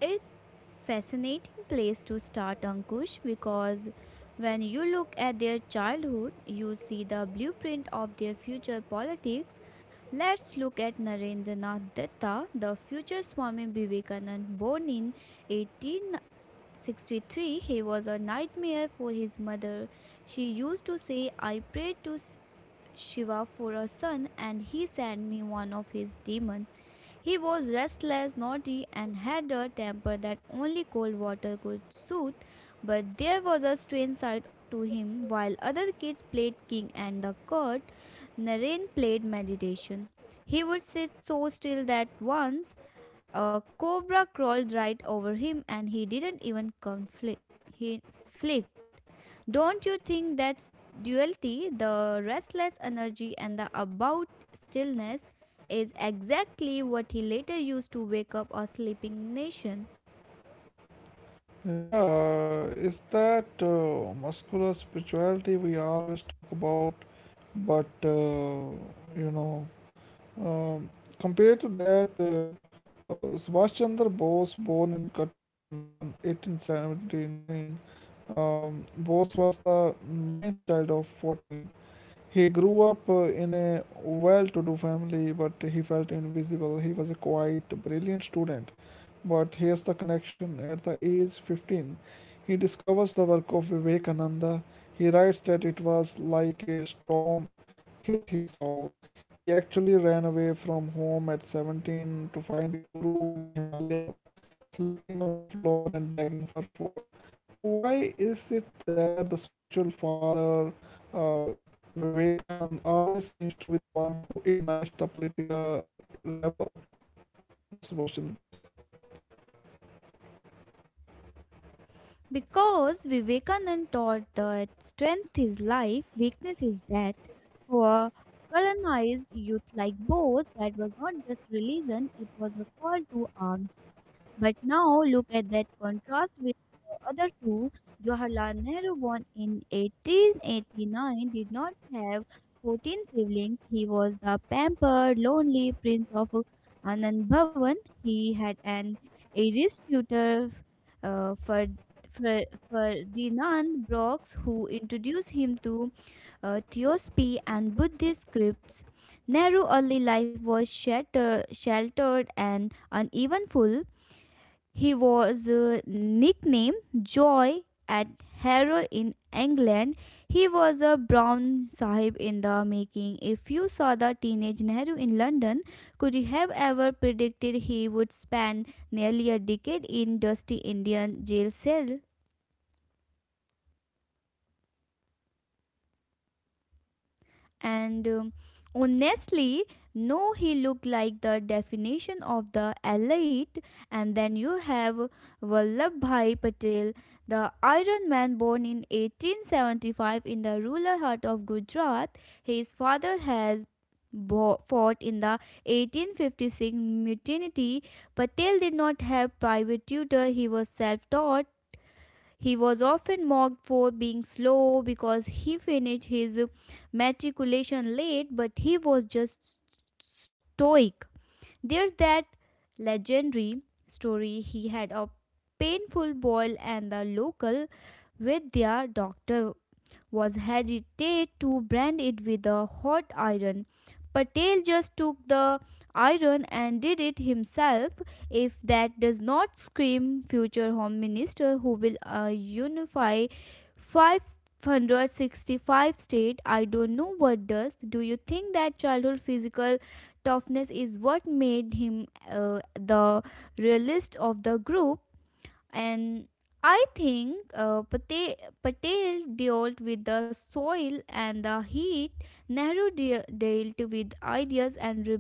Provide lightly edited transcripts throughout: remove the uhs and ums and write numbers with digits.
It's fascinating place to start Ankush because when you look at their childhood you see the blueprint of their future politics. Let's look at Narendranath Datta, the future Swami Vivekanand born in 1863. He was a nightmare for his mother. She used to say, "I prayed to Shiva for a son, and he sent me one of his demons. He was restless, naughty, and had a temper that only cold water could soothe. But there was a strange side to him. While other kids played king and the court, Naren played meditation. He would sit so still that once a cobra crawled right over him, and he didn't even conflict. He flick. Don't you think that duality, the restless energy and the about stillness, is exactly what he later used to wake up a sleeping nation? Because Vivekanand taught that strength is life, weakness is death. For colonized youth like Bose, that was not just religion, it was a call to arms. But now look at that contrast with the other two. Jawaharlal Nehru, born in 1889, did not have 14 siblings. He was the pampered, lonely prince of Anand Bhavan. He had an Irish tutor for Ferdinand Brooks, who introduced him to Theosophy and Buddhist scripts. Nehru's early life was sheltered and uneven full. He was nicknamed Joy at Harrow in England. He was a brown sahib in the making. If you saw the teenage Nehru in London, could you have ever predicted he would spend nearly a decade in dusty Indian jail cell? And honestly, no, he looked like the definition of the elite. And then you have Vallabhbhai Patel, the Iron Man born in 1875 in the rural heart of Gujarat. His father has fought in the 1856 mutiny. Patel did not have private tutor. He was self-taught. He was often mocked for being slow because he finished his matriculation late, but he was just stoic. There's that legendary story he had a painful boil and the local with their doctor was hesitate to brand it with a hot iron. Patel just took the iron and did it himself. If that does not scream future Home Minister who will unify 565 states, I don't know what does. Do you think that childhood physical toughness is what made him the realist of the group? And I think Patel dealt with the soil and the heat, Nehru dealt with ideas and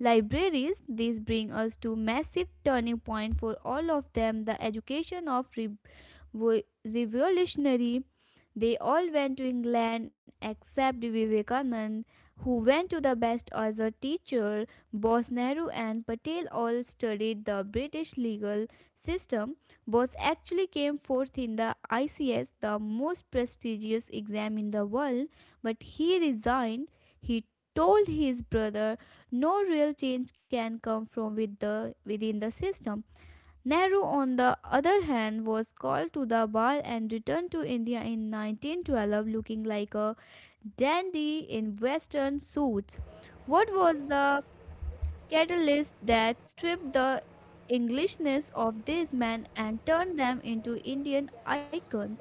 libraries. These bring us to massive turning point for all of them, the education of revolutionary. They all went to England except Vivekanand, who went to the best as a teacher. Both Nehru and Patel all studied the British legal system. Bose actually came fourth in the ICS, the most prestigious exam in the world, but he resigned. He told his brother, "No real change can come from within the system. Nehru, on the other hand, was called to the bar and returned to India in 1912 looking like a dandy in Western suits. What was the catalyst that stripped the Englishness of these men and turned them into Indian icons?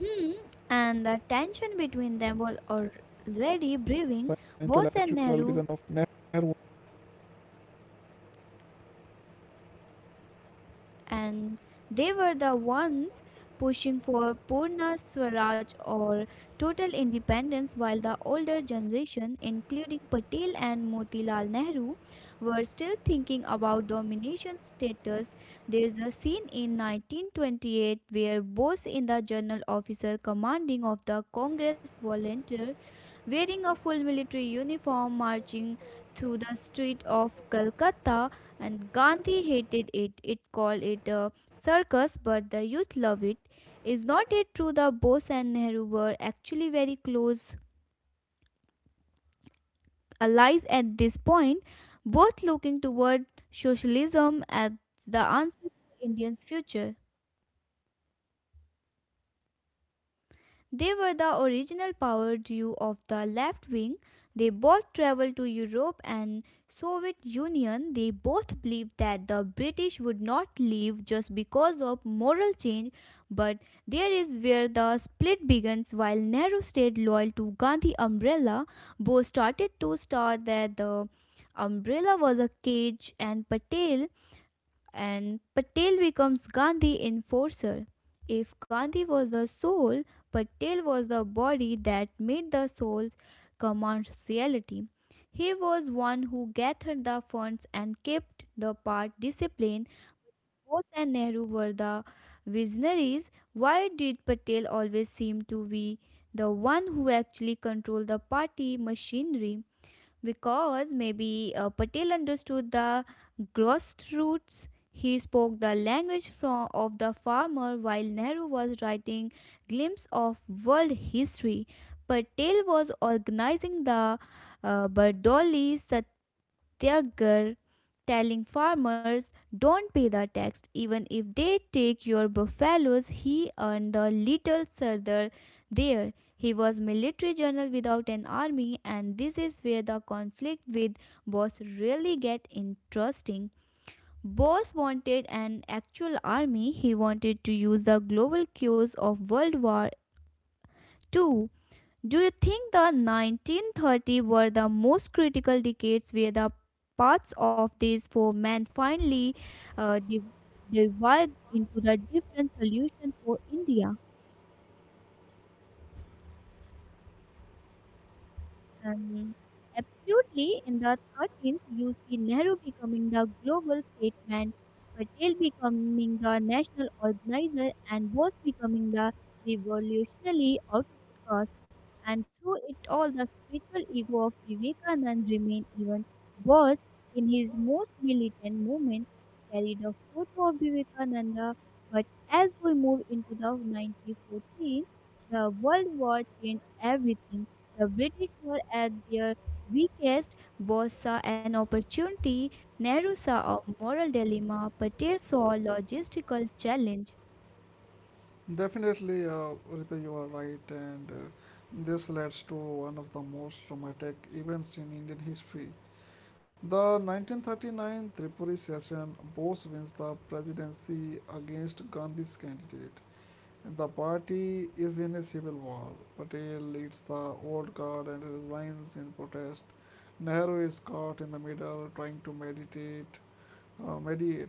Hmm, and the tension between them was already brewing. Bose and Nehru and they were the ones pushing for Purna Swaraj or total independence, while the older generation, including Patel and Motilal Nehru, were still thinking about domination status. There's a scene in 1928 where Bose in the General Officer commanding of the Congress volunteer, wearing a full military uniform, marching through the street of Calcutta and Gandhi hated it. It called it a circus, but the youth love it. Is not it true that Bose and Nehru were actually very close allies at this point, both looking toward socialism as the answer to India's future? They were the original power duo of the left wing. They both traveled to Europe and Soviet Union. They both believed that the British would not leave just because of moral change, but there is where the split begins. While Nehru stayed loyal to Gandhi umbrella, Bose started to start that the umbrella was a cage and Patel becomes Gandhi enforcer. If Gandhi was the soul, Patel was the body that made the soul's commands reality. He was one who gathered the funds and kept the part disciplined. Bose and Nehru were the visionaries. Why did Patel always seem to be the one who actually controlled the party machinery? Because maybe Patel understood the grassroots. He spoke the language of the farmer while Nehru was writing glimpse of world history. Patel was organizing the Bardoli their girl telling farmers don't pay the tax even if they take your buffaloes." He earned the little Sardar there. He was military general without an army, and this is where the conflict with boss really get interesting. Boss wanted an actual army. He wanted to use the global cues of world war Two. Do you think the 1930s were the most critical decades where the paths of these four men finally uh, div- divide into the different solution for India? Um, Absolutely, in the 13th, you see Nehru becoming the global statesman, Patel becoming the national organizer, and Bose becoming the revolutionary outcast. And through it all, the spiritual ego of Vivekanand remained even. Bose, in his most militant moments, carried a photo of Vivekananda. But as we move into the 1914, the World War changed everything. The British were at their weakest. Bose saw an opportunity, Nehru saw a moral dilemma, Patel saw a logistical challenge. Definitely, Rita, you are right, and this leads to one of the most dramatic events in Indian history. The 1939 Tripuri session, Bose wins the presidency against Gandhi's candidate. The party is in a civil war. Patel leads the old guard and resigns in protest. Nehru is caught in the middle trying to meditate mediate.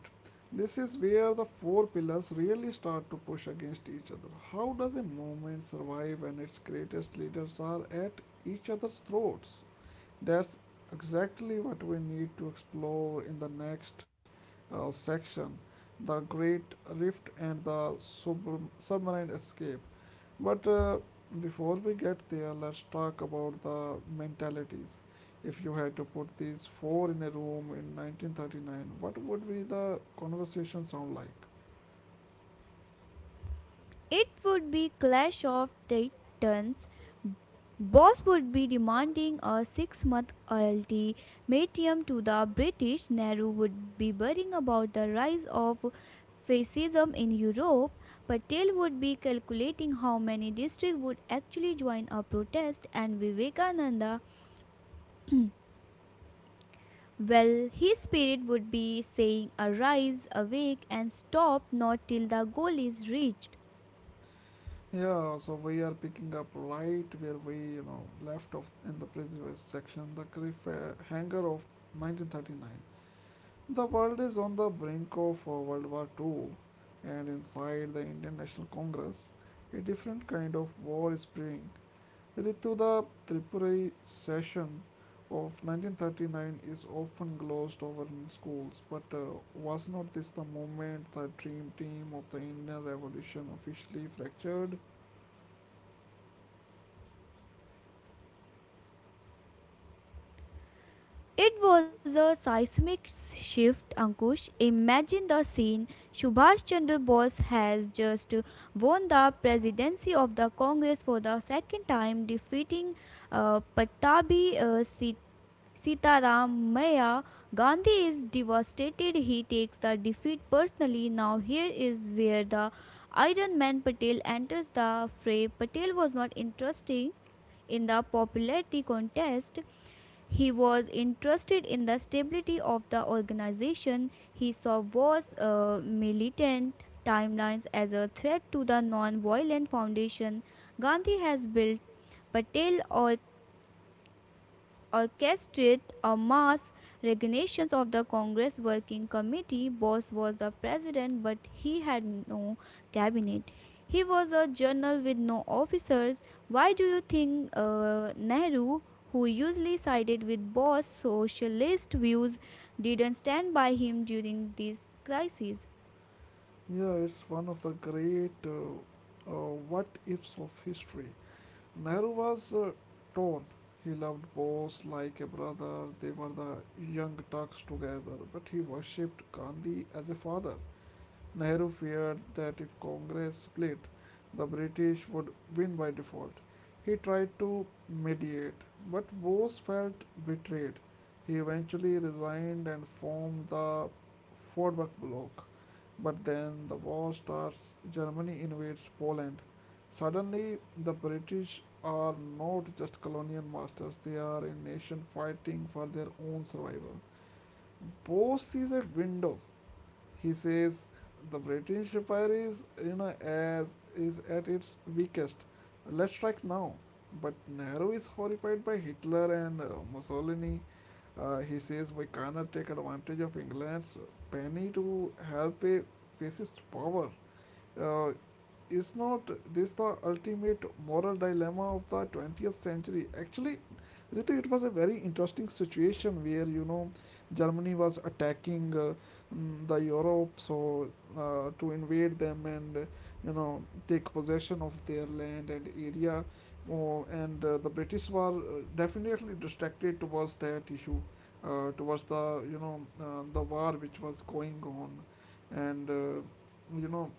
This is where the four pillars really start to push against each other. How does a movement survive when its greatest leaders are at each other's throats? That's exactly what we need to explore in the next section, the Great Rift and the submarine escape. But before we get there, let's talk about the mentalities. If you had to put these four in a room in 1939, what would be the conversation sound like? It would be clash of titans. Boss would be demanding a six-month ultimatum to the British. Nehru would be worrying about the rise of fascism in Europe. Patel would be calculating how many districts would actually join a protest, and Vivekananda. Mm. Well, his spirit would be saying, Arise, awake, and stop not till the goal is reached. Yeah, so we are picking up right where we, you know, left off in the previous section, the cliffhanger of 1939. The world is on the brink of World War Two, and inside the Indian National Congress, a different kind of war is brewing. Ritu, the Tripurari session of 1939 is often glossed over in schools, but was not this the moment the dream team of the Indian Revolution officially fractured? It was a seismic shift, Ankush. Imagine the scene. Subhash Chandra Bose has just won the presidency of the Congress for the second time, defeating Patabi Sitaram Maya. Gandhi is devastated. He takes the defeat personally. Now, here is where the Iron Man Patel enters the fray. Patel was not interested in the popularity contest. He was interested in the stability of the organization. He saw wars, militant timelines as a threat to the non violent foundation Gandhi has built. Patel or orchestrated a mass resignation of the Congress Working Committee. Bose was the president, but he had no cabinet. He was a general with no officers. Why do you think Nehru, who usually sided with Boss' socialist views, didn't stand by him during this crisis? Yeah, it's one of the great what ifs of history. Nehru was torn. He loved Bose like a brother, they were the young Turks together, but he worshipped Gandhi as a father. Nehru feared that if Congress split, the British would win by default. He tried to mediate, but Bose felt betrayed. He eventually resigned and formed the Forward Bloc. But then the war starts, Germany invades Poland. Suddenly, the British are not just colonial masters, they are a nation fighting for their own survival. Bose sees a window. He says the British Empire is, you know, as is at its weakest. Let's strike now. But Nehru is horrified by Hitler and Mussolini. He says we cannot take advantage of England's penny to help a fascist power. uh, is not this the ultimate moral dilemma of the 20th century? Actually, Ritu, it was a very interesting situation where you know Germany was attacking the Europe, so to invade them and you know take possession of their land and area. Oh, and the British were definitely distracted towards that issue, towards the you know the war which was going on, and you know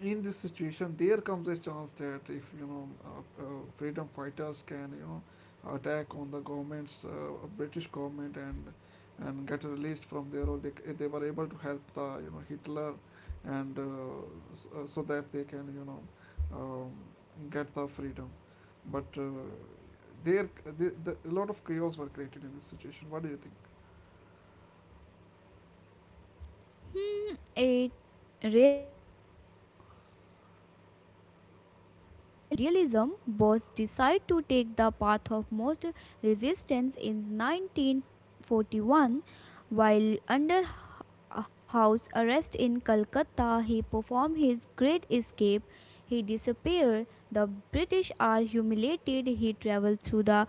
in this situation there comes a chance that if you know freedom fighters can you know attack on the government's british government and get released from there, or they were able to help the you know hitler, and so that they can you know get the freedom, but there a lot of chaos were created in this situation. What do you think? Hmm, it really is. It take us idealism, Bose decided to take the path of most resistance in 1941. While under house arrest in Calcutta, he performed his great escape. He disappeared. The British are humiliated. He traveled through the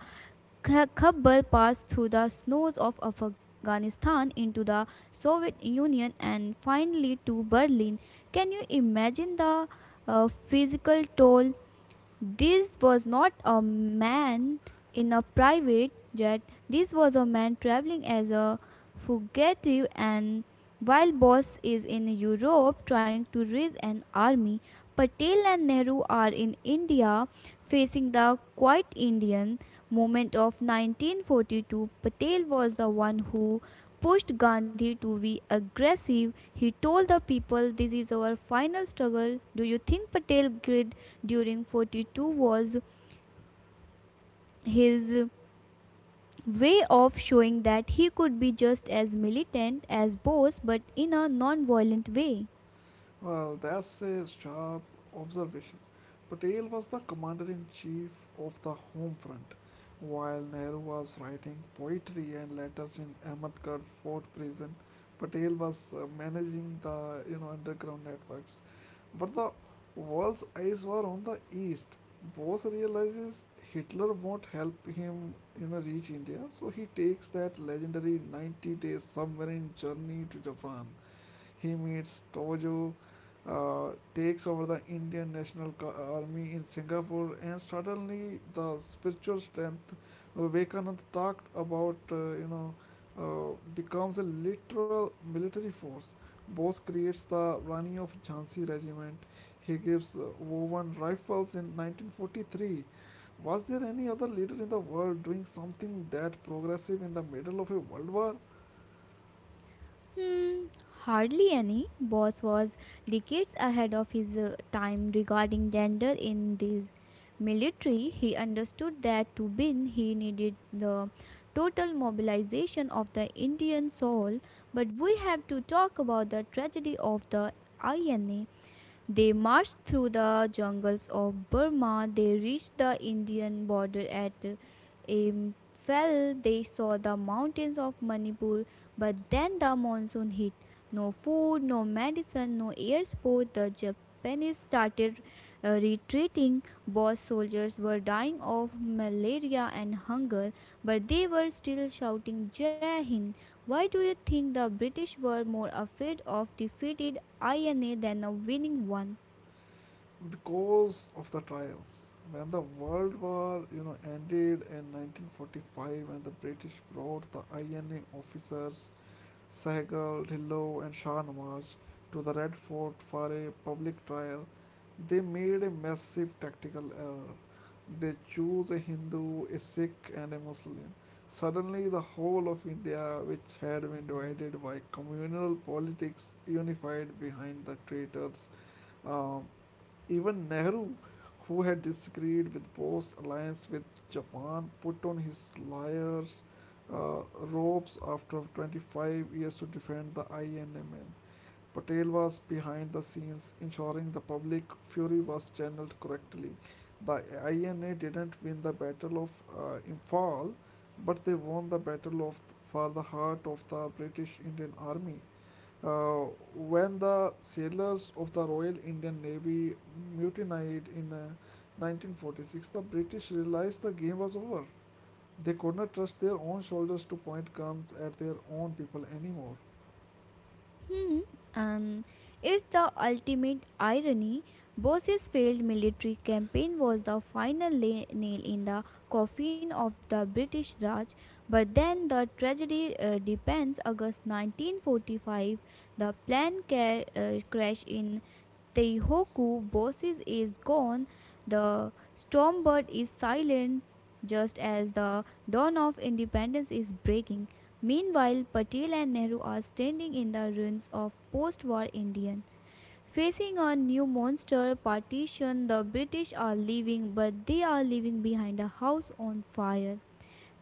Khabbal passed through the snows of Afghanistan into the Soviet Union and finally to Berlin. Can you imagine the physical toll? This was not a man in a private jet. This was a man traveling as a fugitive. And while Bose is in Europe trying to raise an army, Patel and Nehru are in India facing the quiet Indian movement of 1942. Patel was the one who pushed Gandhi to be aggressive. He told the people, This is our final struggle. Do you think Patel did during 42 was his way of showing that he could be just as militant as Bose but in a non-violent way? Well, that's a sharp observation. Patel was the commander in chief of the home front, while Nehru was writing poetry and letters in Ahmedgarh Fort prison. Patel was managing the you know underground networks, but the world's eyes were on the east. Bose realizes Hitler won't help him you know reach India, so he takes that legendary 90-day submarine journey to Japan. He meets Tojo, uh, takes over the Army in Singapore, and suddenly the spiritual strength Vivekanand talked about becomes a literal military force. Bose creates the Rani of Jhansi regiment. He gives woven rifles in 1943. Was there any other leader in the world doing something that progressive in the middle of a world war? Hmm, hardly any. Bose was decades ahead of his time regarding gender in the military. He understood that to win he needed the total mobilization of the Indian soul, but we have to talk about the tragedy of the INA. They marched through the jungles of Burma. They reached the Indian border at Imphal. They saw the mountains of Manipur, but then the monsoon hit. No food, no medicine, no air support. The Japanese started retreating. Both soldiers were dying of malaria and hunger, but they were still shouting Jai Hind. Why do you think the British were more afraid of defeat INA than a winning one? Because of the trials. When the World War, you know, ended in 1945, and the British brought the INA officers Sehgal, Dhillon, and Shah Nawaz to the Red Fort for a public trial, they made a massive tactical error. They chose a Hindu, a Sikh, and a Muslim. Suddenly, the whole of India, which had been divided by communal politics, unified behind the traitors. um, Even Nehru, who had disagreed with Bose's alliance with Japan, put on his liar's robes after 25 years to defend the INMN. Patel was behind the scenes, ensuring the public fury was channeled correctly. The INA didn't win the Battle of Imphal, but they won the battle of for the heart of the British Indian Army. Uh, when the sailors of the Royal Indian Navy mutinied in 1946, the British realized the game was over. They could not trust their own soldiers to point guns at their own people anymore. Hmm. And it's the ultimate irony. Bose's failed military campaign was the final nail in the coffin of the British Raj. But then the tragedy depends. August 1945, the plane crash in Teihoku Bosses is gone, the Stormbird is silent just as the dawn of independence is breaking. Meanwhile, Patel and Nehru are standing in the ruins of post war India. Facing a new monster partition, the British are leaving, but they are leaving behind a house on fire.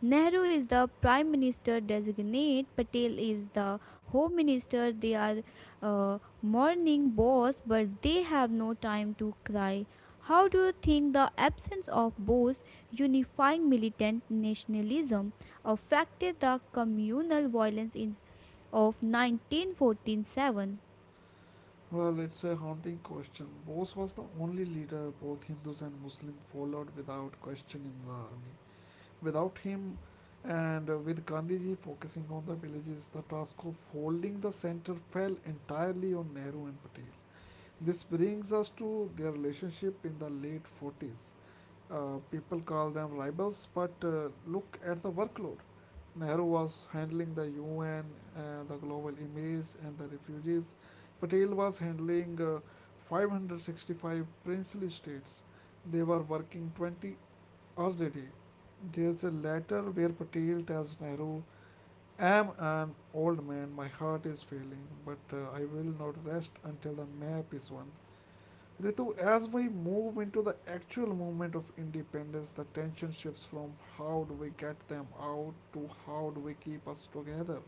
Nehru is the prime minister designate, Patel is the home minister. They are morning boss, but they have no time to cry. How do you think the absence of both unifying militant nationalism affected the communal violence of 1947? Well, it's a haunting question. Bose was the only leader both Hindus and Muslims followed without question in the army. Without him, and with Gandhiji focusing on the villages, the task of holding the center fell entirely on Nehru and Patel. This brings us to their relationship in the late 40s. People call them rivals, but look at the workload. Nehru was handling the UN, the global image, and the refugees. Patel was handling 565 princely states. They were working 20 hours a day. There's a letter where Patel tells Nehru, I am an old man, my heart is failing, but I will not rest until the map is won. Ritu, as we move into the actual movement of independence, the tension shifts from how do we get them out to how do we keep us together.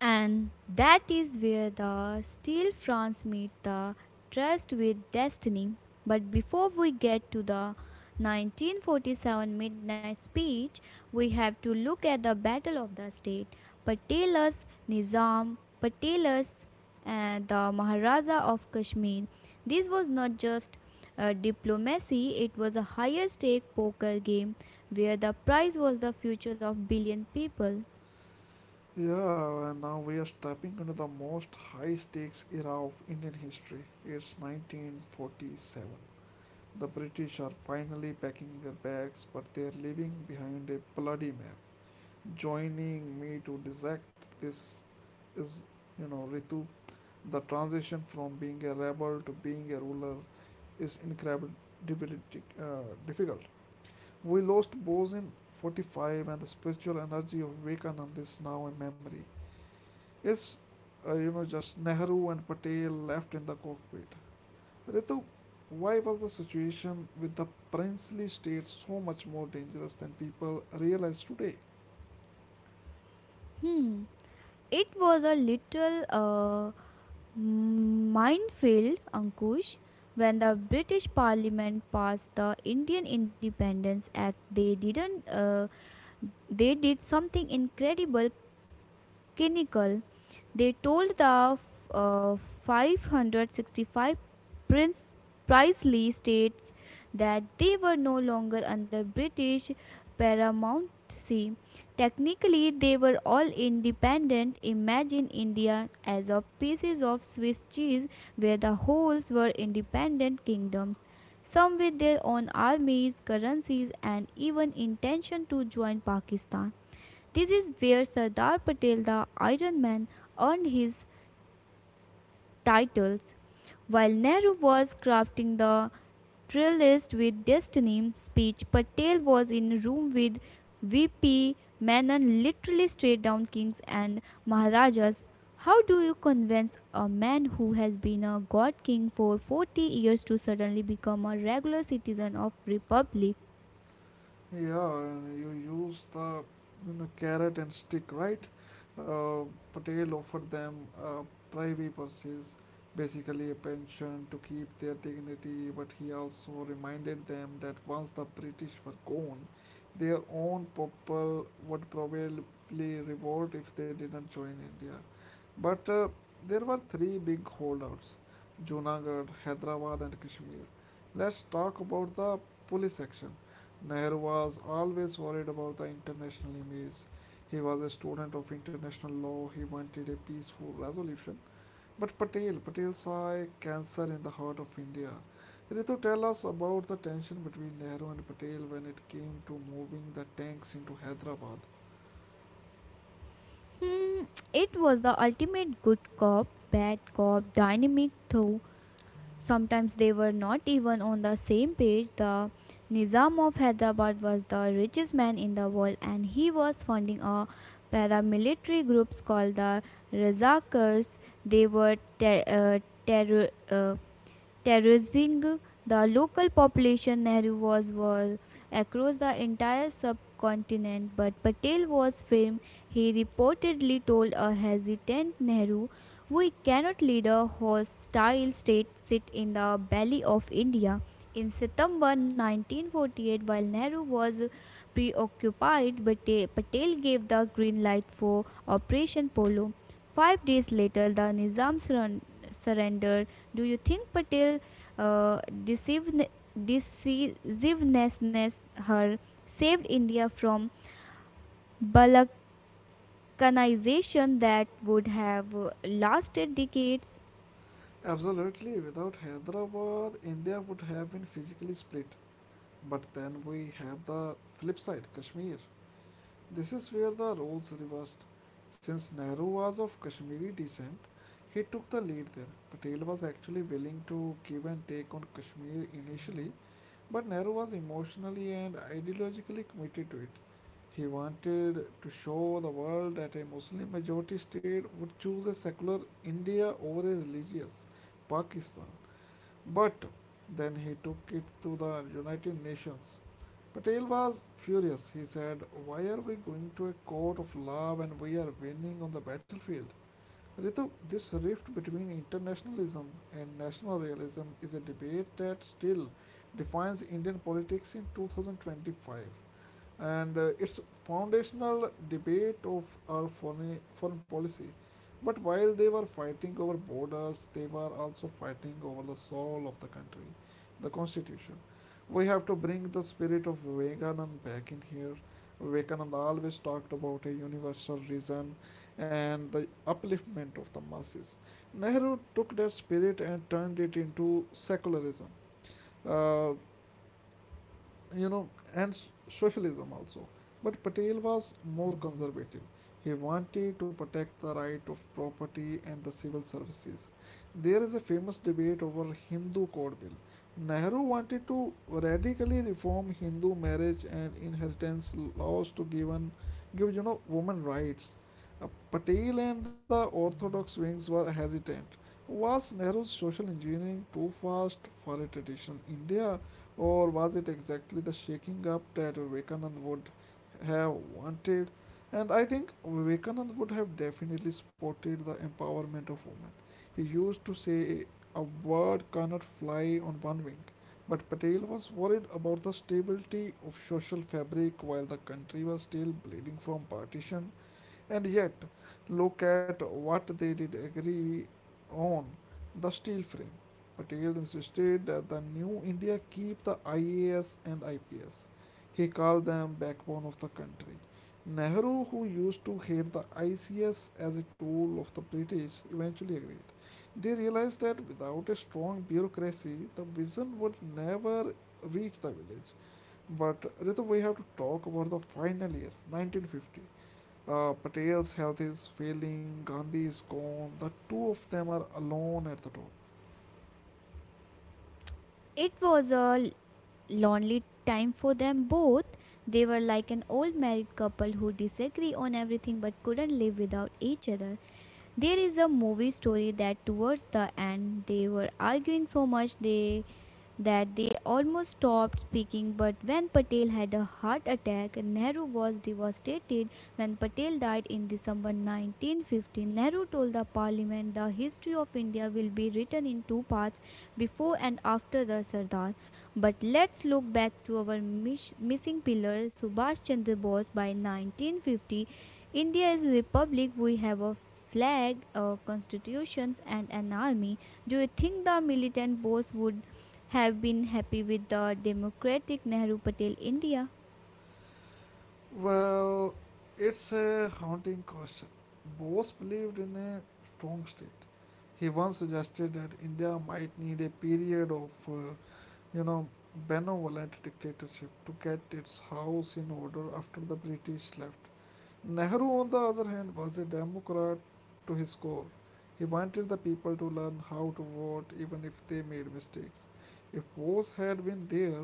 And that is where the steel fronts meet the trust with destiny. But before we get to the 1947 Midnight Speech, we have to look at the Battle of the State. Patelas, Nizam, Patelas, and the Maharaja of Kashmir. This was not just diplomacy, it was a higher stake poker game where the prize was the future of billion people. Yeah, and now we are stepping into the most high stakes era of Indian history. It's 1947. The British are finally packing their bags, but they are leaving behind a bloody map. Joining me to dissect this is, you know, Ritu, the transition from being a rebel to being a ruler is incredibly difficult. We lost Bose in 45, and the spiritual energy of Vivekananda is now a memory. It's you know just Nehru and Patel left in the cockpit. Ritu, why was the situation with the princely state so much more dangerous than people realize today? Hmm. It was a little minefield, Ankush. When the British Parliament passed the Indian Independence Act, they didn't. They did something incredible, cynical. They told the uh, 565 Prince Prisley states that they were no longer under British paramountcy. Technically, they were all independent. Imagine India as a piece of Swiss cheese where the wholes were independent kingdoms, some with their own armies, currencies, and even intention to join Pakistan. This is where Sardar Patel, the Iron Man, earned his titles. While Nehru was crafting the Trillist with Destiny speech, Patel was in a room with VP Menon, literally straight down kings and maharajas. How do you convince a man who has been a god king for 40 years to suddenly become a regular citizen of republic? Yeah, and you use the you know, carrot and stick, right? Uh, Patel offered them a privy purses, basically a pension to keep their dignity, but he also reminded them that once the British were gone, their own people would probably revolt if they didn't join India. But there were three big holdouts: Junagadh, Hyderabad, and Kashmir. Let's talk about the police action. Nehru was always worried about the international image. He was a student of international law. He wanted a peaceful resolution. But Patel saw a cancer in the heart of India. Ritu, tell us about the tension between Nehru and Patel when it came to moving the tanks into Hyderabad. Hmm, it was the ultimate good cop, bad cop dynamic though. Sometimes they were not even on the same page. The Nizam of Hyderabad was the richest man in the world and he was funding a paramilitary groups called the Razakars. They were ter- terror. Terrorizing the local population. Nehru was war across the entire subcontinent, but Patel was firm. He reportedly told a hesitant Nehru, we cannot let a hostile state sit in the belly of India. In September 1948, while Nehru was preoccupied, Patel gave the green light for Operation Polo. 5 days later, the Nizam surrendered. Do you think uh, deceive- decisiveness her saved India from balkanization that would have lasted decades. Absolutely, without Hyderabad, India would have been physically split. But then we have the flip side, Kashmir. This is where the roles reversed. Since Nehru was of Kashmiri descent, he took the lead there. Patel was actually willing to give and take on Kashmir initially, but Nehru was emotionally and ideologically committed to it. He wanted to show the world that a Muslim majority state would choose a secular India over a religious Pakistan. But then he took it to the United Nations. Patel was furious. He said, Why are we going to a court of law when we are winning on the battlefield? Ritu, this rift between internationalism and national realism is a debate that still defines Indian politics in 2025, and it's foundational debate of our foreign policy. But while they were fighting over borders, they were also fighting over the soul of the country, the constitution. We have to bring the spirit of Vivekanand back in here. Vivekananda always talked about a universal reason and the upliftment of the masses. Nehru took that spirit and turned it into secularism. Uh, you know, and s- socialism also. But Patel was more conservative. He wanted to protect the right of property and the civil services. There is a famous debate over Hindu Code Bill. Nehru wanted to radically reform Hindu marriage and inheritance laws to give you know, women rights. Patel and the orthodox wings were hesitant. Was Nehru's social engineering too fast for a traditional India? Or was it exactly the shaking up that Vivekanand would have wanted? And I think Vivekanand would have definitely spotted the empowerment of women. He used to say, A bird cannot fly on one wing. But Patel was worried about the stability of social fabric while the country was still bleeding from partition. And yet, look at what they did agree on: the steel frame. Patel insisted that the new India keep the IAS and IPS. He called them backbone of the country. Nehru, who used to hate the ICS as a tool of the British, eventually agreed. They realized that without a strong bureaucracy, the vision would never reach the village. But Ritu, we have to talk about the final year, 1950. Patel's health is failing, Gandhi is gone, the two of them are alone at the top. It was a lonely time for them both. They were like an old married couple who disagree on everything but couldn't live without each other. There is a movie story that towards the end they were arguing so much they that they almost stopped speaking. But when Patel had a heart attack, Nehru was devastated. When Patel died in December 1915, Nehru told the parliament the history of India will be written in two parts before and after the Sardar. But let's look back to our missing pillar, Subhash Chandra Bose. By 1950, India is a republic. We have a flag, constitutions, and an army. Do you think the militant Bose would have been happy with the democratic Nehru Patel India? Well, it's a haunting question. Bose believed in a strong state. He once suggested that India might need a period of, you know, benevolent dictatorship to get its house in order after the British left. Nehru, on the other hand, was a Democrat to his core. He wanted the people to learn how to vote even if they made mistakes. If Bose had been there,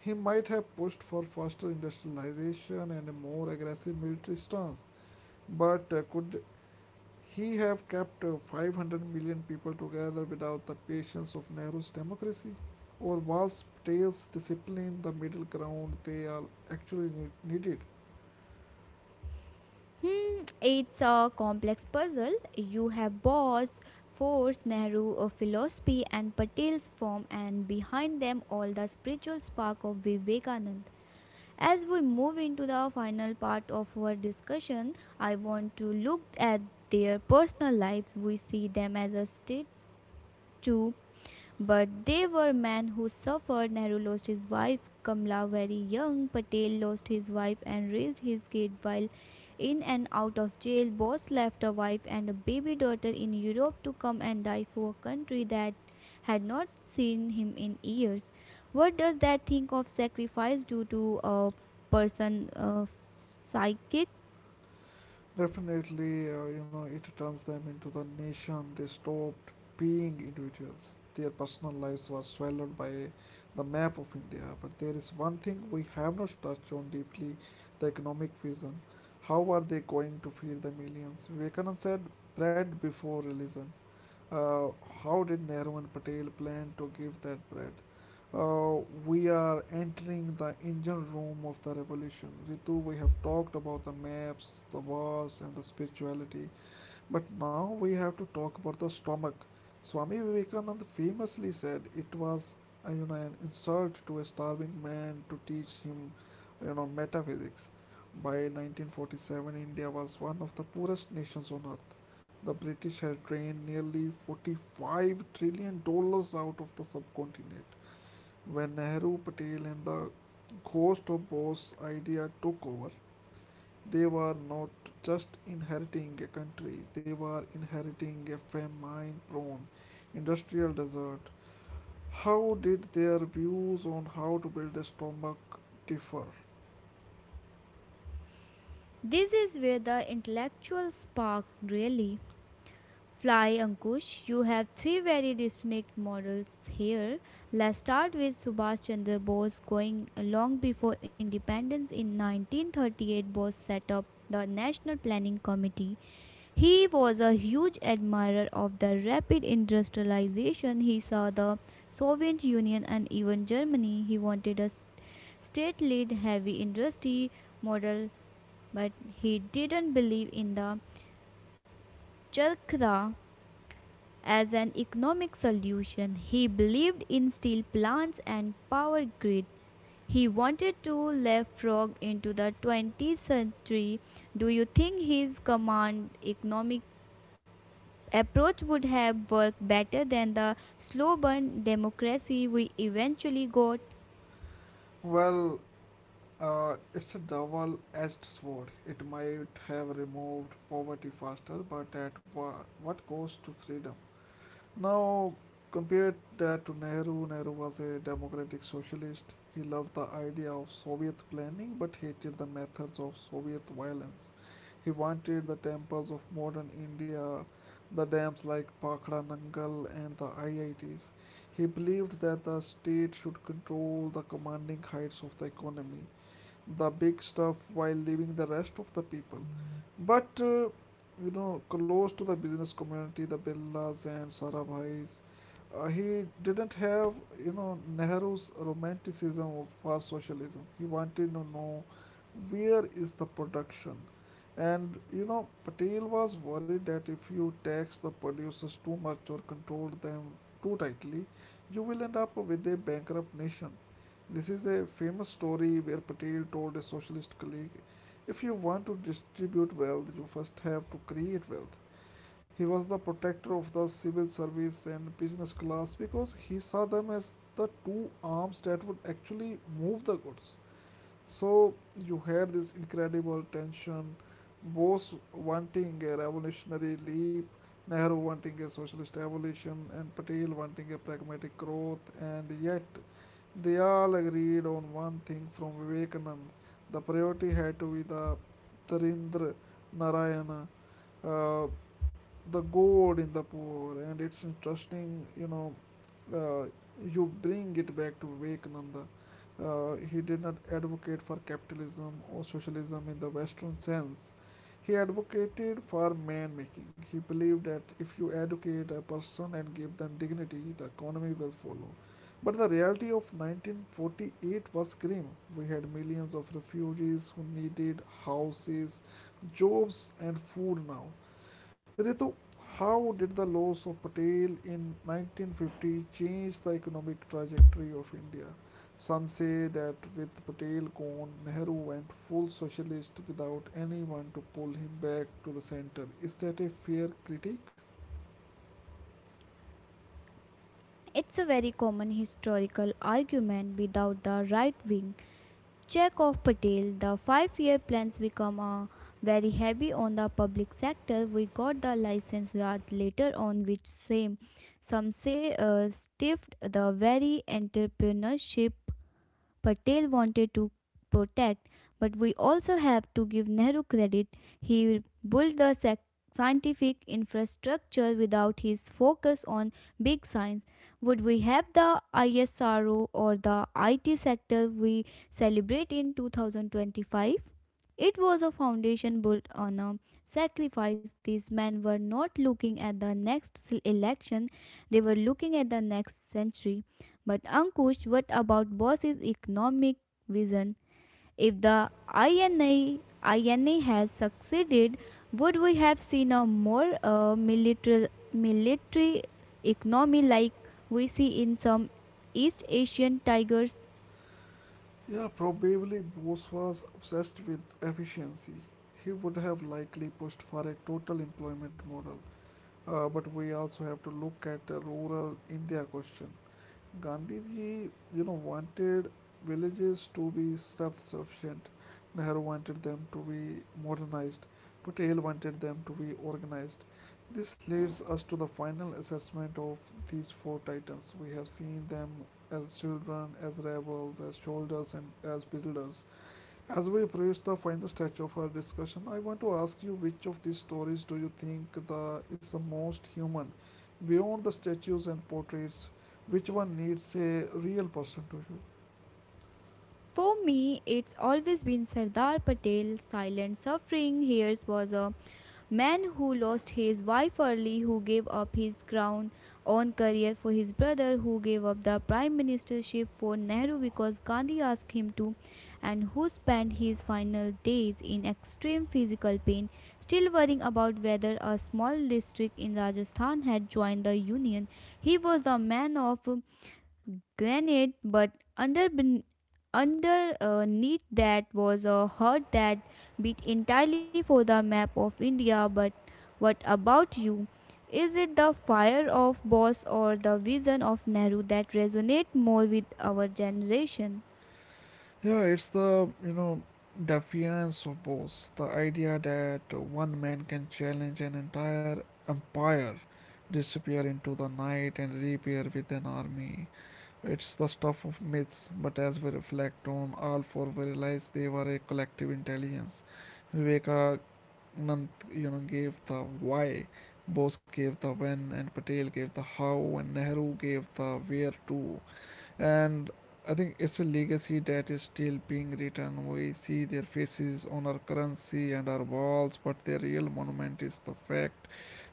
he might have pushed for faster industrialization and a more aggressive military stance. But could he have kept 500 million people together without the patience of Nehru's democracy? Or was Patel's discipline the middle ground they all actually needed? Hmm, it's a complex puzzle. You have Bose, Force, Nehru philosophy, and Patel's form, and behind them all the spiritual spark of Vivekanand. As we move into the final part of our discussion, I want to look at their personal lives. We see them as a state too, but they were men who suffered. Nehru lost his wife Kamla very young. Patel lost his wife and raised his kid while in and out of jail. Bose left a wife and a baby daughter in Europe to come and die for a country that had not seen him in years. What does that think of sacrifice do to a person psychic? Definitely, it turns them into the nation. They stopped being individuals. Their personal lives were swallowed by the map of India. But there is one thing we have not touched on deeply: the economic vision. How are they going to feed the millions? Vivekananda said, bread before religion. Uh, how did Nehru and Patel plan to give that bread? We are entering the engine room of the revolution. Ritu, we have talked about the maps, the wars, and the spirituality, but now we have to talk about the stomach. Swami Vivekananda famously said it was an insult to a starving man to teach him metaphysics. By 1947, India was one of the poorest nations on earth. The British had drained nearly 45 trillion dollars out of the subcontinent. When Nehru, Patel, and the ghost of Bose idea took over, they were not just inheriting a country, they were inheriting a famine prone industrial desert. How did their views on how to build a stomach differ? This is where the intellectual spark really Fly Ankush, you have three very distinct models here. Let's start with Subhash Chandra Bose going long before independence in 1938 Bose set up the National Planning Committee. He was a huge admirer of the rapid industrialization. He saw the Soviet Union and even Germany. He wanted a state led heavy industry model, but he didn't believe in the Chalkra as an economic solution, he believed in steel plants and power grid. He wanted to leapfrog into the 20th century. Do you think his command economic approach would have worked better than the slow burn democracy we eventually got? Well, it's a double-edged sword. It might have removed poverty faster, but at what cost to freedom? Now, compare that to Nehru. Nehru was a democratic socialist. He loved the idea of Soviet planning, but hated the methods of Soviet violence. He wanted the temples of modern India, the dams like Pakhra Nangal and the IITs. He believed that the state should control the commanding heights of the economy, the big stuff, while leaving the rest of the people. But close to the business community, the Billas and Sarabhais, he didn't have Nehru's romanticism of fast socialism. He wanted to know where is the production. And Patel was worried that if you tax the producers too much or control them too tightly, you will end up with a bankrupt nation. This is a famous story where Patel told a socialist colleague, If you want to distribute wealth, you first have to create wealth. He was the protector of the civil service and business class because he saw them as the two arms that would actually move the goods. So you had this incredible tension, Bose wanting a revolutionary leap, Nehru wanting a socialist evolution, and Patel wanting a pragmatic growth, and yet they all agreed on one thing from Vivekanand: the priority had to be the Tarindra Narayana, uh, the God in the poor, and it's interesting, uh, you bring it back to Vivekananda. He did not advocate for capitalism or socialism in the Western sense. He advocated for man making. He believed that if you educate a person and give them dignity, the economy will follow. But the reality of 1948 was grim. We had millions of refugees who needed houses, jobs, and food now. Ritu, how did the loss of Patel in 1950 change the economic trajectory of India? Some say that with Patel gone, Nehru went full socialist without anyone to pull him back to the center. Is that a fair critique? It's a very common historical argument without the right wing check of Patel, the 5 year plans become very heavy on the public sector. We got the license rod later on, which same some say stiffed the very entrepreneurship Patel wanted to protect, but we also have to give Nehru credit. He built the scientific infrastructure without his focus on big science. Would we have the ISRO or the IT sector we celebrate in 2025? It was a foundation built on a sacrifice. These men were not looking at the next election, they were looking at the next century. But Ankush, what about Boss's economic vision? If the INA has succeeded, would we have seen a more military economy like we see in some East Asian tigers? Yeah, probably Bose was obsessed with efficiency. He would have likely pushed for a total employment model. But we also have to look at the rural India question. Gandhiji, wanted villages to be self-sufficient. Nehru wanted them to be modernized. Patel wanted them to be organized. This leads us to the final assessment of these four titans. We have seen them as children, as rebels, as soldiers, and as builders. As we approach the final stage of our discussion, I want to ask you, which of these stories do you think the is the most human? Beyond the statues and portraits, which one needs a real person to you? For me, it's always been Sardar Patel's silent suffering. Here's was a man who lost his wife early, who gave up his crown on career for his brother, who gave up the prime ministership for Nehru because Gandhi asked him to, and who spent his final days in extreme physical pain, still worrying about whether a small district in Rajasthan had joined the union. He was the man of granite, but under ben- underneath that was a heart that beat entirely for the map of India. But what about you? Is it the fire of Bose or the vision of Nehru that resonate more with our generation? Yeah, it's the defiance of both. The idea that one man can challenge an entire empire, disappear into the night and reappear with an army. It's the stuff of myths, but as we reflect on all four, we realize they were a collective intelligence. Vivekanand, gave the why, Bose gave the when, and Patel gave the how, and Nehru gave the where to, and I think it's a legacy that is still being written. We see their faces on our currency and our walls, but their real monument is the fact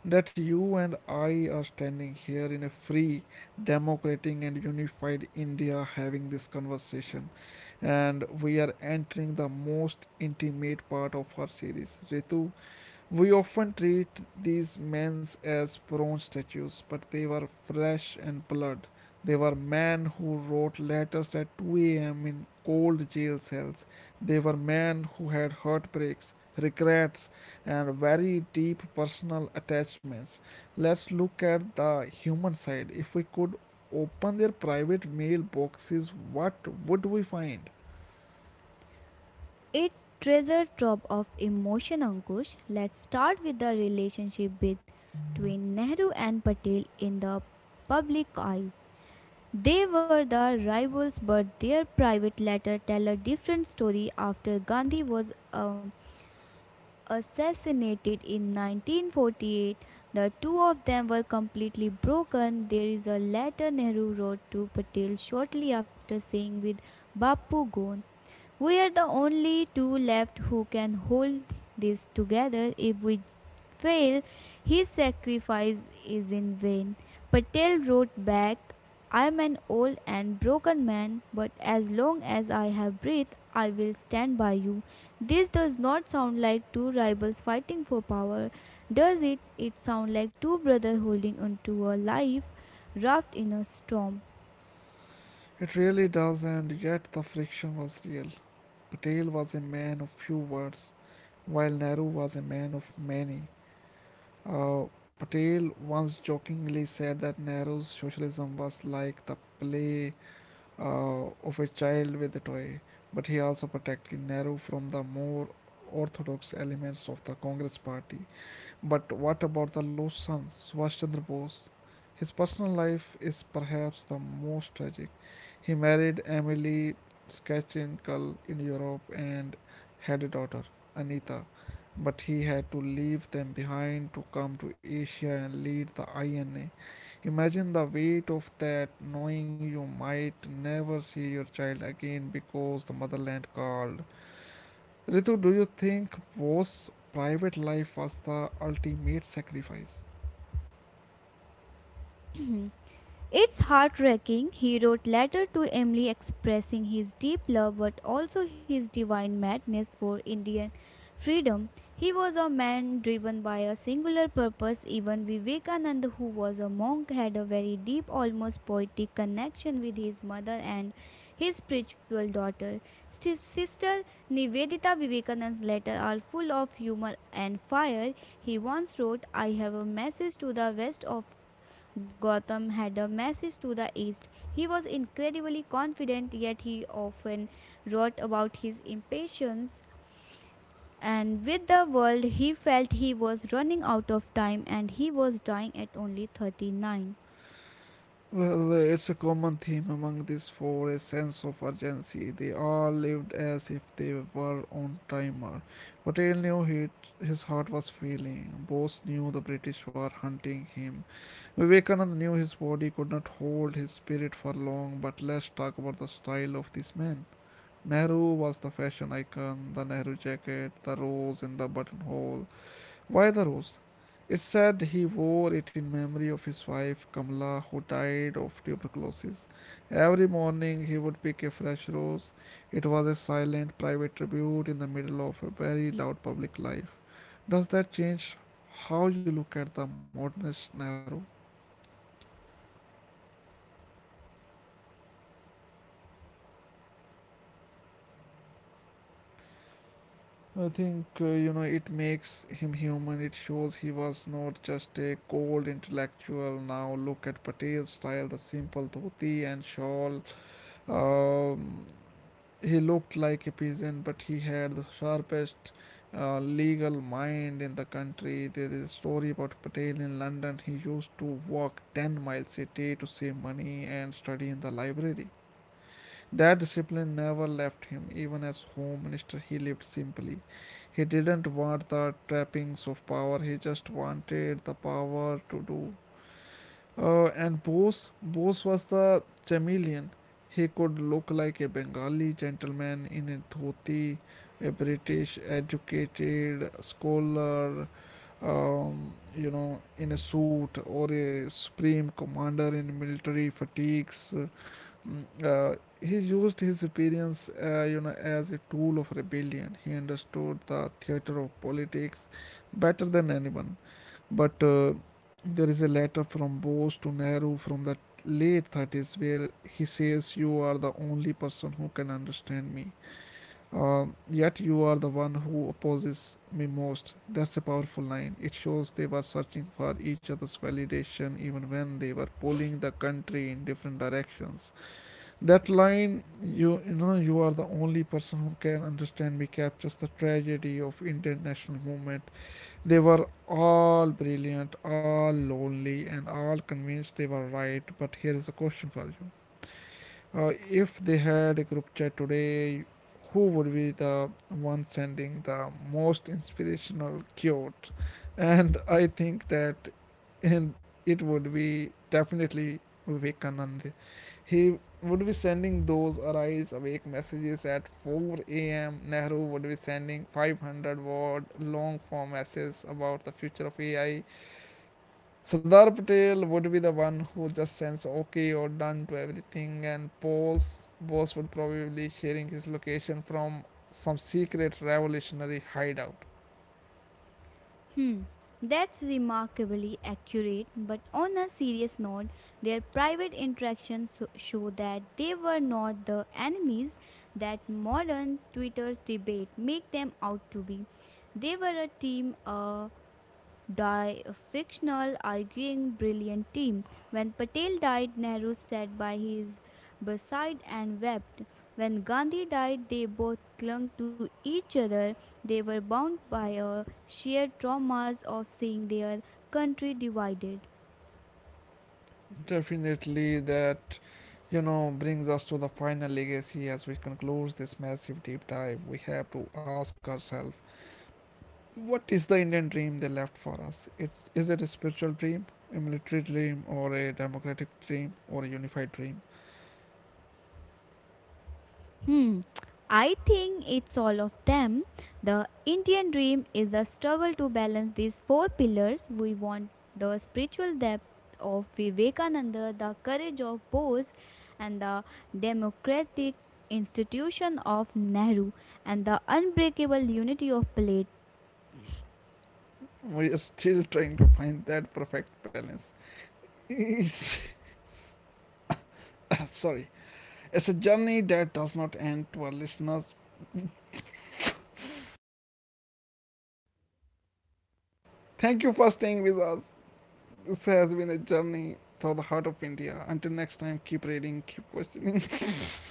that you and I are standing here in a free, democratic, and unified India having this conversation. And we are entering the most intimate part of our series. Ritu, we often treat these men as bronze statues, but they were flesh and blood. They were men who wrote letters at 2 a.m. in cold jail cells. They were men who had heartbreaks, regrets, and very deep personal attachments. Let's look at the human side. If we could open their private mail boxes, what would we find? It's treasure trove of emotion, Ankush. Let's start with the relationship between Nehru and Patel in the public eye. They were the rivals, but their private letters tell a different story. After Gandhi was assassinated in 1948, the two of them were completely broken. There is a letter Nehru wrote to Patel shortly after saying, with Bapu gone, we are the only two left who can hold this together. If we fail, his sacrifice is in vain. Patel wrote back, I am an old and broken man, but as long as I have breath, I will stand by you. This does not sound like two rivals fighting for power, does it? It sounds like two brothers holding onto a life raft in a storm. It really does, and yet the friction was real. Patel was a man of few words, while Nehru was a man of many. Uh, Patel once jokingly said that Nehru's socialism was like the play of a child with a toy, but he also protected Nehru from the more orthodox elements of the Congress party. But what about the lost son, Subhash Chandra Bose? His personal life is perhaps the most tragic. He married Emily Skachinskal in Europe and had a daughter, Anita, but he had to leave them behind to come to Asia and lead the INA. Imagine the weight of that, knowing you might never see your child again because the motherland called. Ritu, do you think Bose's private life was the ultimate sacrifice? It's heartbreaking, he wrote letter to Emily expressing his deep love but also his divine madness for Indian freedom. He was a man driven by a singular purpose. Even Vivekananda, who was a monk, had a very deep, almost poetic connection with his mother and his spiritual daughter. His sister Nivedita Vivekananda's letters are full of humor and fire. He once wrote, I have a message to the west of Gotham had a message to the East. He was incredibly confident, yet he often wrote about his impatience. And with the world, he felt he was running out of time and he was dying at only 39. Well, it's a common theme among these four, a sense of urgency. They all lived as if they were on timer. Patel knew he, his heart was failing. Bose knew the British were hunting him. Vivekanand knew his body could not hold his spirit for long, but let's talk about the style of this man. Nehru was the fashion icon, the Nehru jacket, the rose in the buttonhole. Why the rose? It's said he wore it in memory of his wife Kamala, who died of tuberculosis. Every morning he would pick a fresh rose. It was a silent, private tribute in the middle of a very loud public life. Does that change how you look at the modernist Nehru? I think it makes him human. It shows he was not just a cold intellectual. Now look at Patel's style, the simple dhoti and shawl. Um, He looked like a peasant, but he had the sharpest legal mind in the country. There is a story about Patel in London. He used to walk 10 miles a day to save money and study in the library. That discipline never left him. Even as Home Minister, he lived simply. He didn't want the trappings of power, he just wanted the power to do. And Bose was the chameleon. He could look like a Bengali gentleman in a dhoti, a British educated scholar, in a suit, or a supreme commander in military fatigues. Mm, Uh, he used his appearance, as a tool of rebellion. He understood the theater of politics better than anyone. But there is a letter from Bose to Nehru from the late '30s where he says, You are the only person who can understand me. Yet you are the one who opposes me most. That's a powerful line. It shows they were searching for each other's validation even when they were pulling the country in different directions. That line, you are the only person who can understand me, captures the tragedy of Indian national movement: they were all brilliant, all lonely, and all convinced they were right. But here is a question for you: if they had a group chat today, who would be the one sending the most inspirational quote? And I think that and it would be definitely Vivekanand. He would be sending those arise awake messages at 4 a.m. Nehru would be sending 500 word long form essays about the future of AI. Sardar Patel would be the one who just sends okay or done to everything, and Bose would probably sharing his location from some secret revolutionary hideout. Hmm, that's remarkably accurate, but on a serious note, their private interactions show that they were not the enemies that modern Twitter's debate make them out to be. They were a team, a Die a fictional, arguing, brilliant team. When Patel died, Nehru sat by his bedside and wept. When Gandhi died, they both clung to each other. They were bound by a shared traumas of seeing their country divided. Definitely, that brings us to the final legacy as we conclude this massive deep dive. We have to ask ourselves, what is the Indian dream they left for us? It is it a spiritual dream, a military dream, or a democratic dream, or a unified dream? Hmm. I think it's all of them. The Indian dream is a struggle to balance these four pillars. We want the spiritual depth of Vivekananda, the courage of Bose, and the democratic institution of Nehru, and the unbreakable unity of Plato. We are still trying to find that perfect balance. It's, sorry, it's a journey that does not end to our listeners. Thank you for staying with us. This has been a journey through the heart of India. Until next time, keep reading, keep questioning.